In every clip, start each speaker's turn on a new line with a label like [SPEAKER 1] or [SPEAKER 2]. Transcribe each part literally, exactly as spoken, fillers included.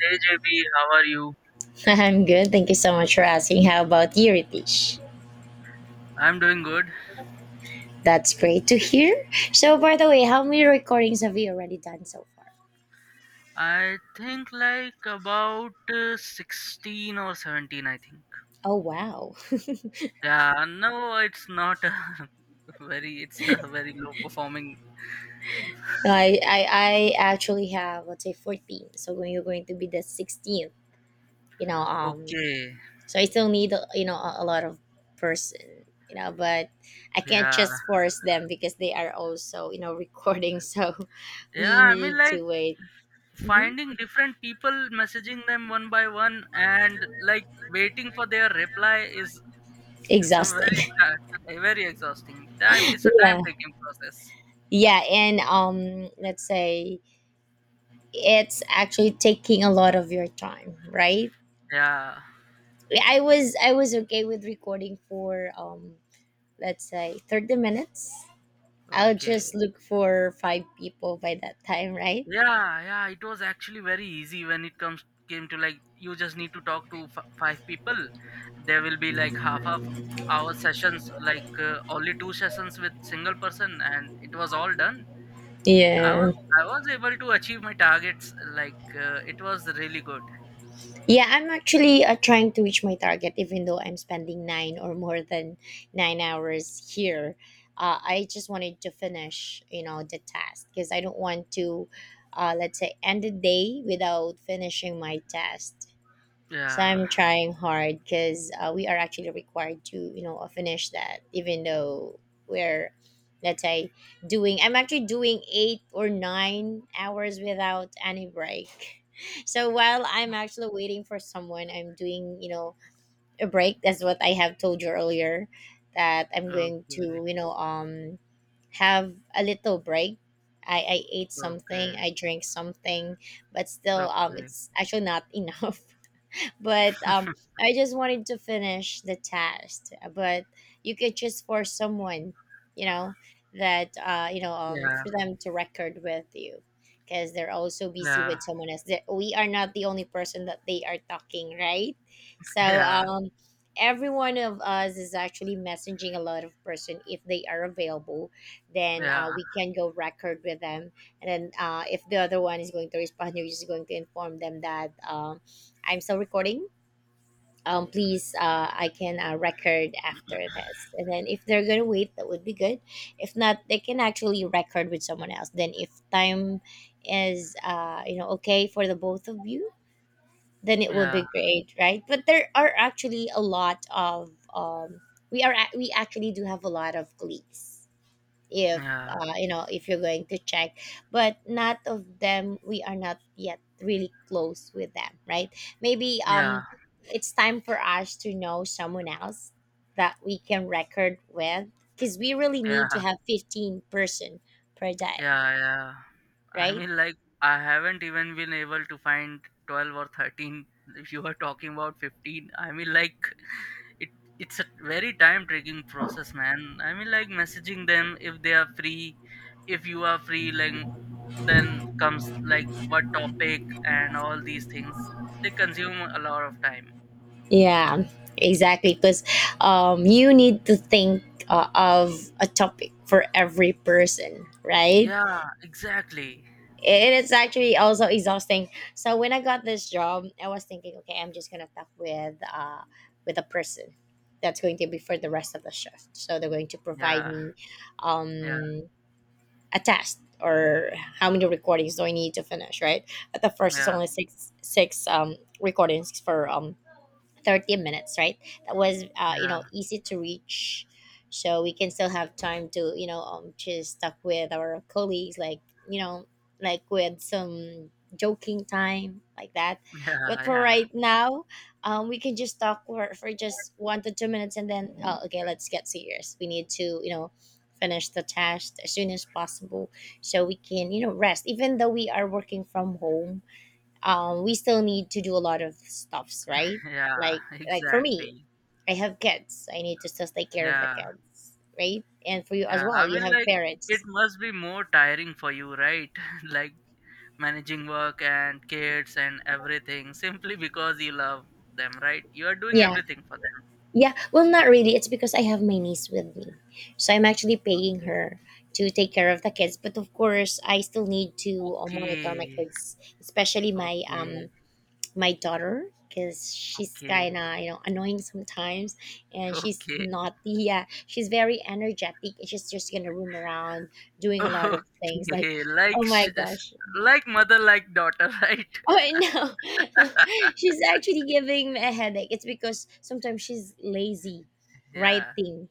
[SPEAKER 1] Hey J B, how are you?
[SPEAKER 2] I'm good. Thank you so much for asking. How about you, Ritesh?
[SPEAKER 1] I'm doing good.
[SPEAKER 2] That's great to hear. So, by the way, how many recordings have you already done so far?
[SPEAKER 1] I think like about uh, sixteen or seventeen, I think.
[SPEAKER 2] Oh, wow.
[SPEAKER 1] Yeah, no, it's not a very, it's a very low performing.
[SPEAKER 2] No, I, I, I actually have, let's say, fourteen. So, when you're going to be the sixteenth, you know, um,
[SPEAKER 1] Okay,
[SPEAKER 2] so I still need, uh, you know, a, a lot of person, you know, but I can't
[SPEAKER 1] yeah.
[SPEAKER 2] just force them because they are also, you know, recording. So,
[SPEAKER 1] Yeah,
[SPEAKER 2] we
[SPEAKER 1] I mean
[SPEAKER 2] need
[SPEAKER 1] like
[SPEAKER 2] to wait. Hmm.
[SPEAKER 1] finding different people, messaging them one by one and like waiting for their reply is, it's a
[SPEAKER 2] Exhausting.
[SPEAKER 1] very, ti- a very exhausting time. It's a time
[SPEAKER 2] Yeah.
[SPEAKER 1] taking process.
[SPEAKER 2] Yeah. And, um, let's say, it's actually taking a lot of your time, right?
[SPEAKER 1] Yeah,
[SPEAKER 2] I was i was okay with recording for um let's say thirty minutes. I'll
[SPEAKER 1] okay.
[SPEAKER 2] just look for five people by that time, right?
[SPEAKER 1] Yeah, yeah, it was actually very easy when it comes came to, like, you just need to talk to f- five people. There will be like half half hour sessions, like, uh, only two sessions with single person and it was all done. i was
[SPEAKER 2] Yeah,
[SPEAKER 1] I was able to achieve my targets, like, uh, it was really good.
[SPEAKER 2] yeah, I'm actually uh, trying to reach my target even though I'm spending nine or more than nine hours here. uh, I just wanted to finish you know the task because I don't want to, uh, let's say, end the day without finishing my task. So
[SPEAKER 1] Yeah.
[SPEAKER 2] I'm trying hard because uh, we are actually required to, you know, uh, finish that, even though we're, let's say, doing, I'm actually doing eight or nine hours without any break. So while I'm actually waiting for someone, I'm doing, you know, a break. That's what I have told you earlier that I'm going
[SPEAKER 1] Okay,
[SPEAKER 2] to, you know, um, have a little break. I, I ate something,
[SPEAKER 1] okay,
[SPEAKER 2] I drank something, but still, um,
[SPEAKER 1] okay.
[SPEAKER 2] it's actually not enough. But um I just wanted to finish the test, but you could just for someone, you know, that uh you know um
[SPEAKER 1] Yeah,
[SPEAKER 2] for them to record with you, because they're also busy with
[SPEAKER 1] yeah.
[SPEAKER 2] someone else, that we are not the only person that they are talking, right? So,
[SPEAKER 1] Yeah,
[SPEAKER 2] um every one of us is actually messaging a lot of person if they are available, then
[SPEAKER 1] yeah,
[SPEAKER 2] uh, we can go record with them. And then, uh, if the other one is going to respond, you're just going to inform them that, um, I'm still recording. Um, please, uh, I can uh, record after this, and then if they're gonna wait, that would be good. If not, they can actually record with someone else. Then if time is uh, you know okay for the both of you, then it will
[SPEAKER 1] yeah,
[SPEAKER 2] be great, right? But there are actually a lot of, um, we are ac- we actually do have a lot of colleagues, if uh, you know if you're going to check. But not of them, we are not yet really close with them, right? Maybe
[SPEAKER 1] yeah,
[SPEAKER 2] um it's time for us to know someone else that we can record with, because we really need to
[SPEAKER 1] yeah.
[SPEAKER 2] have fifteen person per day,
[SPEAKER 1] Yeah, yeah. I
[SPEAKER 2] right?
[SPEAKER 1] mean, like, I haven't even been able to find twelve or thirteen. If you are talking about fifteen, I mean, like, it it's a very time-taking process, man. I mean, like, messaging them if they are free, if you are free, like, then comes, like, what topic and all these things. They consume a lot of time.
[SPEAKER 2] Yeah, exactly, because um you need to think, uh, of a topic for every person, right?
[SPEAKER 1] Yeah, exactly.
[SPEAKER 2] It is actually also exhausting. So when I got this job, I was thinking, okay, I'm just gonna talk with uh with a person, that's going to be for the rest of the shift. So they're going to provide
[SPEAKER 1] Yeah,
[SPEAKER 2] me,
[SPEAKER 1] yeah,
[SPEAKER 2] um a test, or how many recordings do I need to finish, right? At the first it's
[SPEAKER 1] yeah,
[SPEAKER 2] only six six um recordings for um thirty minutes, right? That was uh, you
[SPEAKER 1] yeah.
[SPEAKER 2] know easy to reach, so we can still have time to, you know um just talk with our colleagues, like, you know like with some joking time like that. But
[SPEAKER 1] Yeah,
[SPEAKER 2] for
[SPEAKER 1] yeah,
[SPEAKER 2] right now, um we can just talk for, for just one to two minutes, and then, oh, okay, let's get serious, we need to, you know finish the task as soon as possible, so we can, you know rest, even though we are working from home. Um, we still need to do a lot of stuffs, right?
[SPEAKER 1] yeah,
[SPEAKER 2] Like like for me,
[SPEAKER 1] exactly.
[SPEAKER 2] I have kids. I need to still take care of the
[SPEAKER 1] Yeah.
[SPEAKER 2] kids, right? And for you as
[SPEAKER 1] Yeah, I
[SPEAKER 2] well, you
[SPEAKER 1] mean,
[SPEAKER 2] have
[SPEAKER 1] like, it
[SPEAKER 2] parents.
[SPEAKER 1] must be more tiring for you, right? Like, managing work and kids and everything, simply because you love them, right? You are doing
[SPEAKER 2] Yeah,
[SPEAKER 1] everything for them.
[SPEAKER 2] yeah. Well, not really. It's because I have my niece with me, so I'm actually paying her to take care of the kids. But of course, I still need to uh, monitor my
[SPEAKER 1] Okay,
[SPEAKER 2] kids, especially my um
[SPEAKER 1] okay,
[SPEAKER 2] my daughter, because she's
[SPEAKER 1] okay,
[SPEAKER 2] kind of, you know annoying sometimes. And she's
[SPEAKER 1] okay.
[SPEAKER 2] not, yeah, she's very energetic, and she's just gonna roam around doing a lot of things, like,
[SPEAKER 1] Okay. Like,
[SPEAKER 2] oh my
[SPEAKER 1] sh- sh-
[SPEAKER 2] gosh.
[SPEAKER 1] like mother, like daughter, right?
[SPEAKER 2] Oh, no, no, she's actually giving me a headache. It's because sometimes she's lazy
[SPEAKER 1] Yeah,
[SPEAKER 2] writing,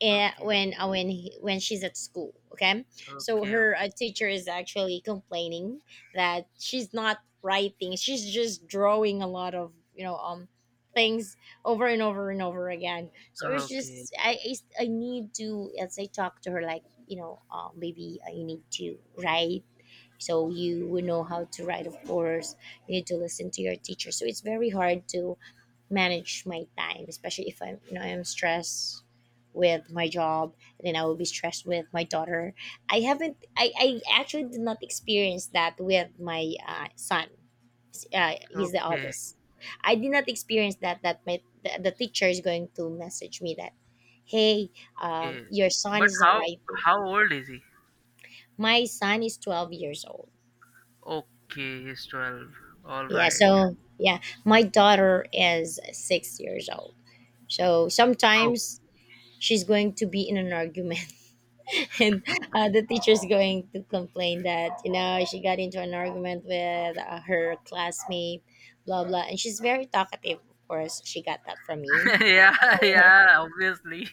[SPEAKER 2] eh,
[SPEAKER 1] okay,
[SPEAKER 2] when uh, when he, when she's at school, okay. So
[SPEAKER 1] okay,
[SPEAKER 2] her uh,
[SPEAKER 1] okay,
[SPEAKER 2] teacher is actually complaining that she's not writing, she's just drawing a lot of, you know um things, over and over and over again. So it's
[SPEAKER 1] okay,
[SPEAKER 2] just I I I need to, as I talk to her, like, you know um maybe, uh, you need to write, so you would know how to write. Of course, you need to listen to your teacher. So it's very hard to manage my time, especially if I'm, you know I'm stressed with my job, and then I will be stressed with my daughter. I haven't, I, I actually did not experience that with my uh, son. Uh, he's the
[SPEAKER 1] okay,
[SPEAKER 2] oldest. I did not experience that that my the, the teacher is going to message me that, hey, um,
[SPEAKER 1] okay.
[SPEAKER 2] your son
[SPEAKER 1] But
[SPEAKER 2] is not
[SPEAKER 1] how,
[SPEAKER 2] writing.
[SPEAKER 1] how old is he?
[SPEAKER 2] My son is twelve years old.
[SPEAKER 1] Okay, he's twelve. All
[SPEAKER 2] Yeah,
[SPEAKER 1] right.
[SPEAKER 2] so yeah, my daughter is six years old. So sometimes she's going to be in an argument, and uh, the teacher's going to complain that, you know she got into an argument with, uh, her classmate, blah blah, and she's very talkative. Of course she got that from me.
[SPEAKER 1] Yeah, yeah, obviously.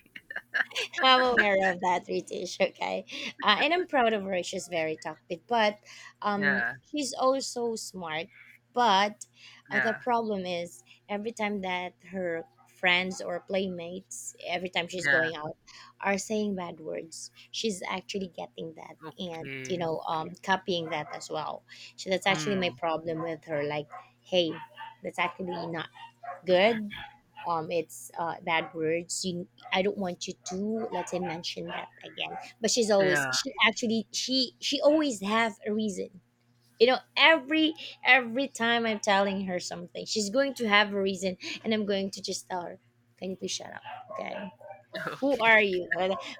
[SPEAKER 2] I'm aware of that, Ritish. Okay, uh, and I'm proud of her. She's very talkative, but um,
[SPEAKER 1] Yeah,
[SPEAKER 2] she's also smart. But uh, the
[SPEAKER 1] yeah,
[SPEAKER 2] problem is, every time that her friends or playmates, every time she's
[SPEAKER 1] yeah.
[SPEAKER 2] going out, are saying bad words, she's actually getting that, and, you
[SPEAKER 1] Okay,
[SPEAKER 2] know
[SPEAKER 1] okay.
[SPEAKER 2] um copying that as well. So that's actually my
[SPEAKER 1] Hmm.
[SPEAKER 2] problem with her. Like, hey, that's actually not good. Um, it's uh, bad words. You, I don't want you to, let us say, mention that again. But she's always,
[SPEAKER 1] Yeah,
[SPEAKER 2] she actually, she she always have a reason. You know, every every time I'm telling her something, she's going to have a reason, and I'm going to just tell her, "Can you please shut up?" Okay. Who are you?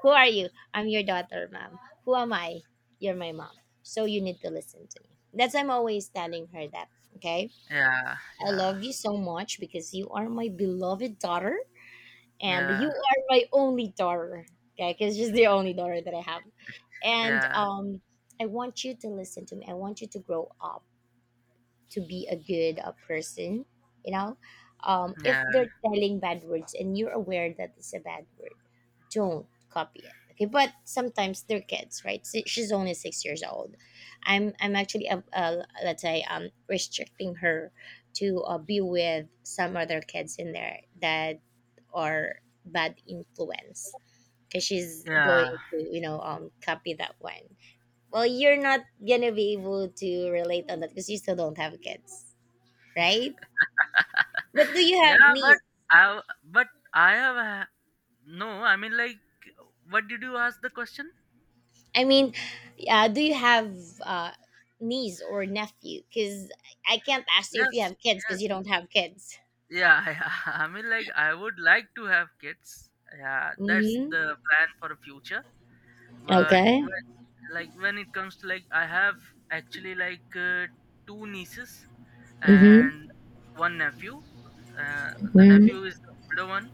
[SPEAKER 2] Who are you? I'm your daughter, ma'am. Who am I? You're my mom. So you need to listen to me. That's I'm always telling her that. Okay.
[SPEAKER 1] yeah,
[SPEAKER 2] I
[SPEAKER 1] yeah,
[SPEAKER 2] love you so much because you are my beloved daughter and
[SPEAKER 1] yeah,
[SPEAKER 2] you are my only daughter. Okay, because she's the only daughter that I have, and
[SPEAKER 1] yeah,
[SPEAKER 2] um, I want you to listen to me. I want you to grow up to be a good, uh, person. you know um, if
[SPEAKER 1] yeah,
[SPEAKER 2] they're telling bad words and you're aware that it's a bad word, don't copy it, okay. But sometimes they're kids, right? Si- she's only six years old. I'm i'm actually uh, uh, let's say, um restricting her to, uh, be with some other kids in there that are bad influence, because she's going
[SPEAKER 1] yeah,
[SPEAKER 2] to, you know um copy that one. Well, you're not gonna be able to relate on that because you still don't have kids, right? But do you have
[SPEAKER 1] yeah. But
[SPEAKER 2] niece?
[SPEAKER 1] I, but I have a- no. I mean, like, what did you ask the question?
[SPEAKER 2] I mean, uh, do you have uh, niece or nephew? Because I can't ask you if you
[SPEAKER 1] Yes,
[SPEAKER 2] have kids because you
[SPEAKER 1] yes.
[SPEAKER 2] don't have kids.
[SPEAKER 1] Yeah, yeah. I mean, like, I would like to have kids. Yeah, that's
[SPEAKER 2] Mm-hmm.
[SPEAKER 1] the plan for the future. But,
[SPEAKER 2] Okay.
[SPEAKER 1] like, when it comes to like I have actually, like, uh, two nieces
[SPEAKER 2] Mm-hmm.
[SPEAKER 1] and one nephew. uh, the
[SPEAKER 2] Mm-hmm.
[SPEAKER 1] nephew is the older one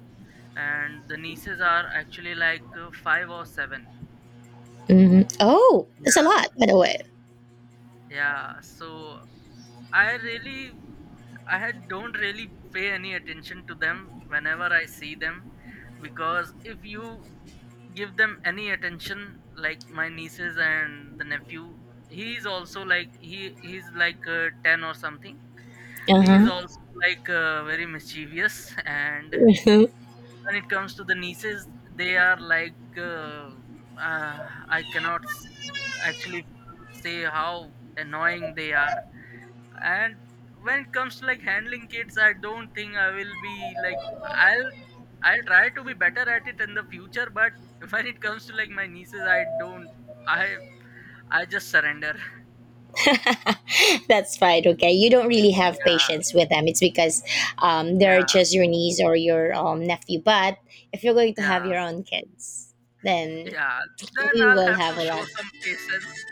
[SPEAKER 1] and the nieces are actually like, uh, five or seven.
[SPEAKER 2] Mm-hmm. Oh, that's a lot, by the way.
[SPEAKER 1] Yeah, so I really i had- don't really pay any attention to them whenever I see them, because if you give them any attention, like my nieces and the nephew, he is also like he he's like, uh, ten or something. He is
[SPEAKER 2] Uh
[SPEAKER 1] also like, uh, very mischievous. And
[SPEAKER 2] huh.
[SPEAKER 1] when it comes to the nieces they are like, uh, uh, I cannot s- actually say how annoying they are. And when it comes to like handling kids I don't think I will be like i'll I'll try to be better at it in the future, but when it comes to like my nieces I don't i i just surrender.
[SPEAKER 2] That's fine. Okay, you don't really have
[SPEAKER 1] Yeah,
[SPEAKER 2] patience with them. It's because, um, they're
[SPEAKER 1] yeah,
[SPEAKER 2] just your niece or your, um, nephew. But if you're going to have
[SPEAKER 1] yeah.
[SPEAKER 2] your own kids, then
[SPEAKER 1] Yeah, then
[SPEAKER 2] you
[SPEAKER 1] I'll
[SPEAKER 2] will
[SPEAKER 1] have
[SPEAKER 2] have
[SPEAKER 1] to
[SPEAKER 2] a
[SPEAKER 1] show
[SPEAKER 2] lot.
[SPEAKER 1] some patience.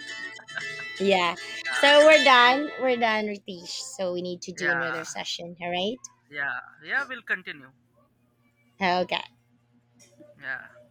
[SPEAKER 2] Yeah. So we're
[SPEAKER 1] Yeah. So
[SPEAKER 2] done. We're done, Ritesh. So we need to do
[SPEAKER 1] yeah,
[SPEAKER 2] another session. All right.
[SPEAKER 1] yeah, yeah. We'll continue.
[SPEAKER 2] Okay.
[SPEAKER 1] Yeah.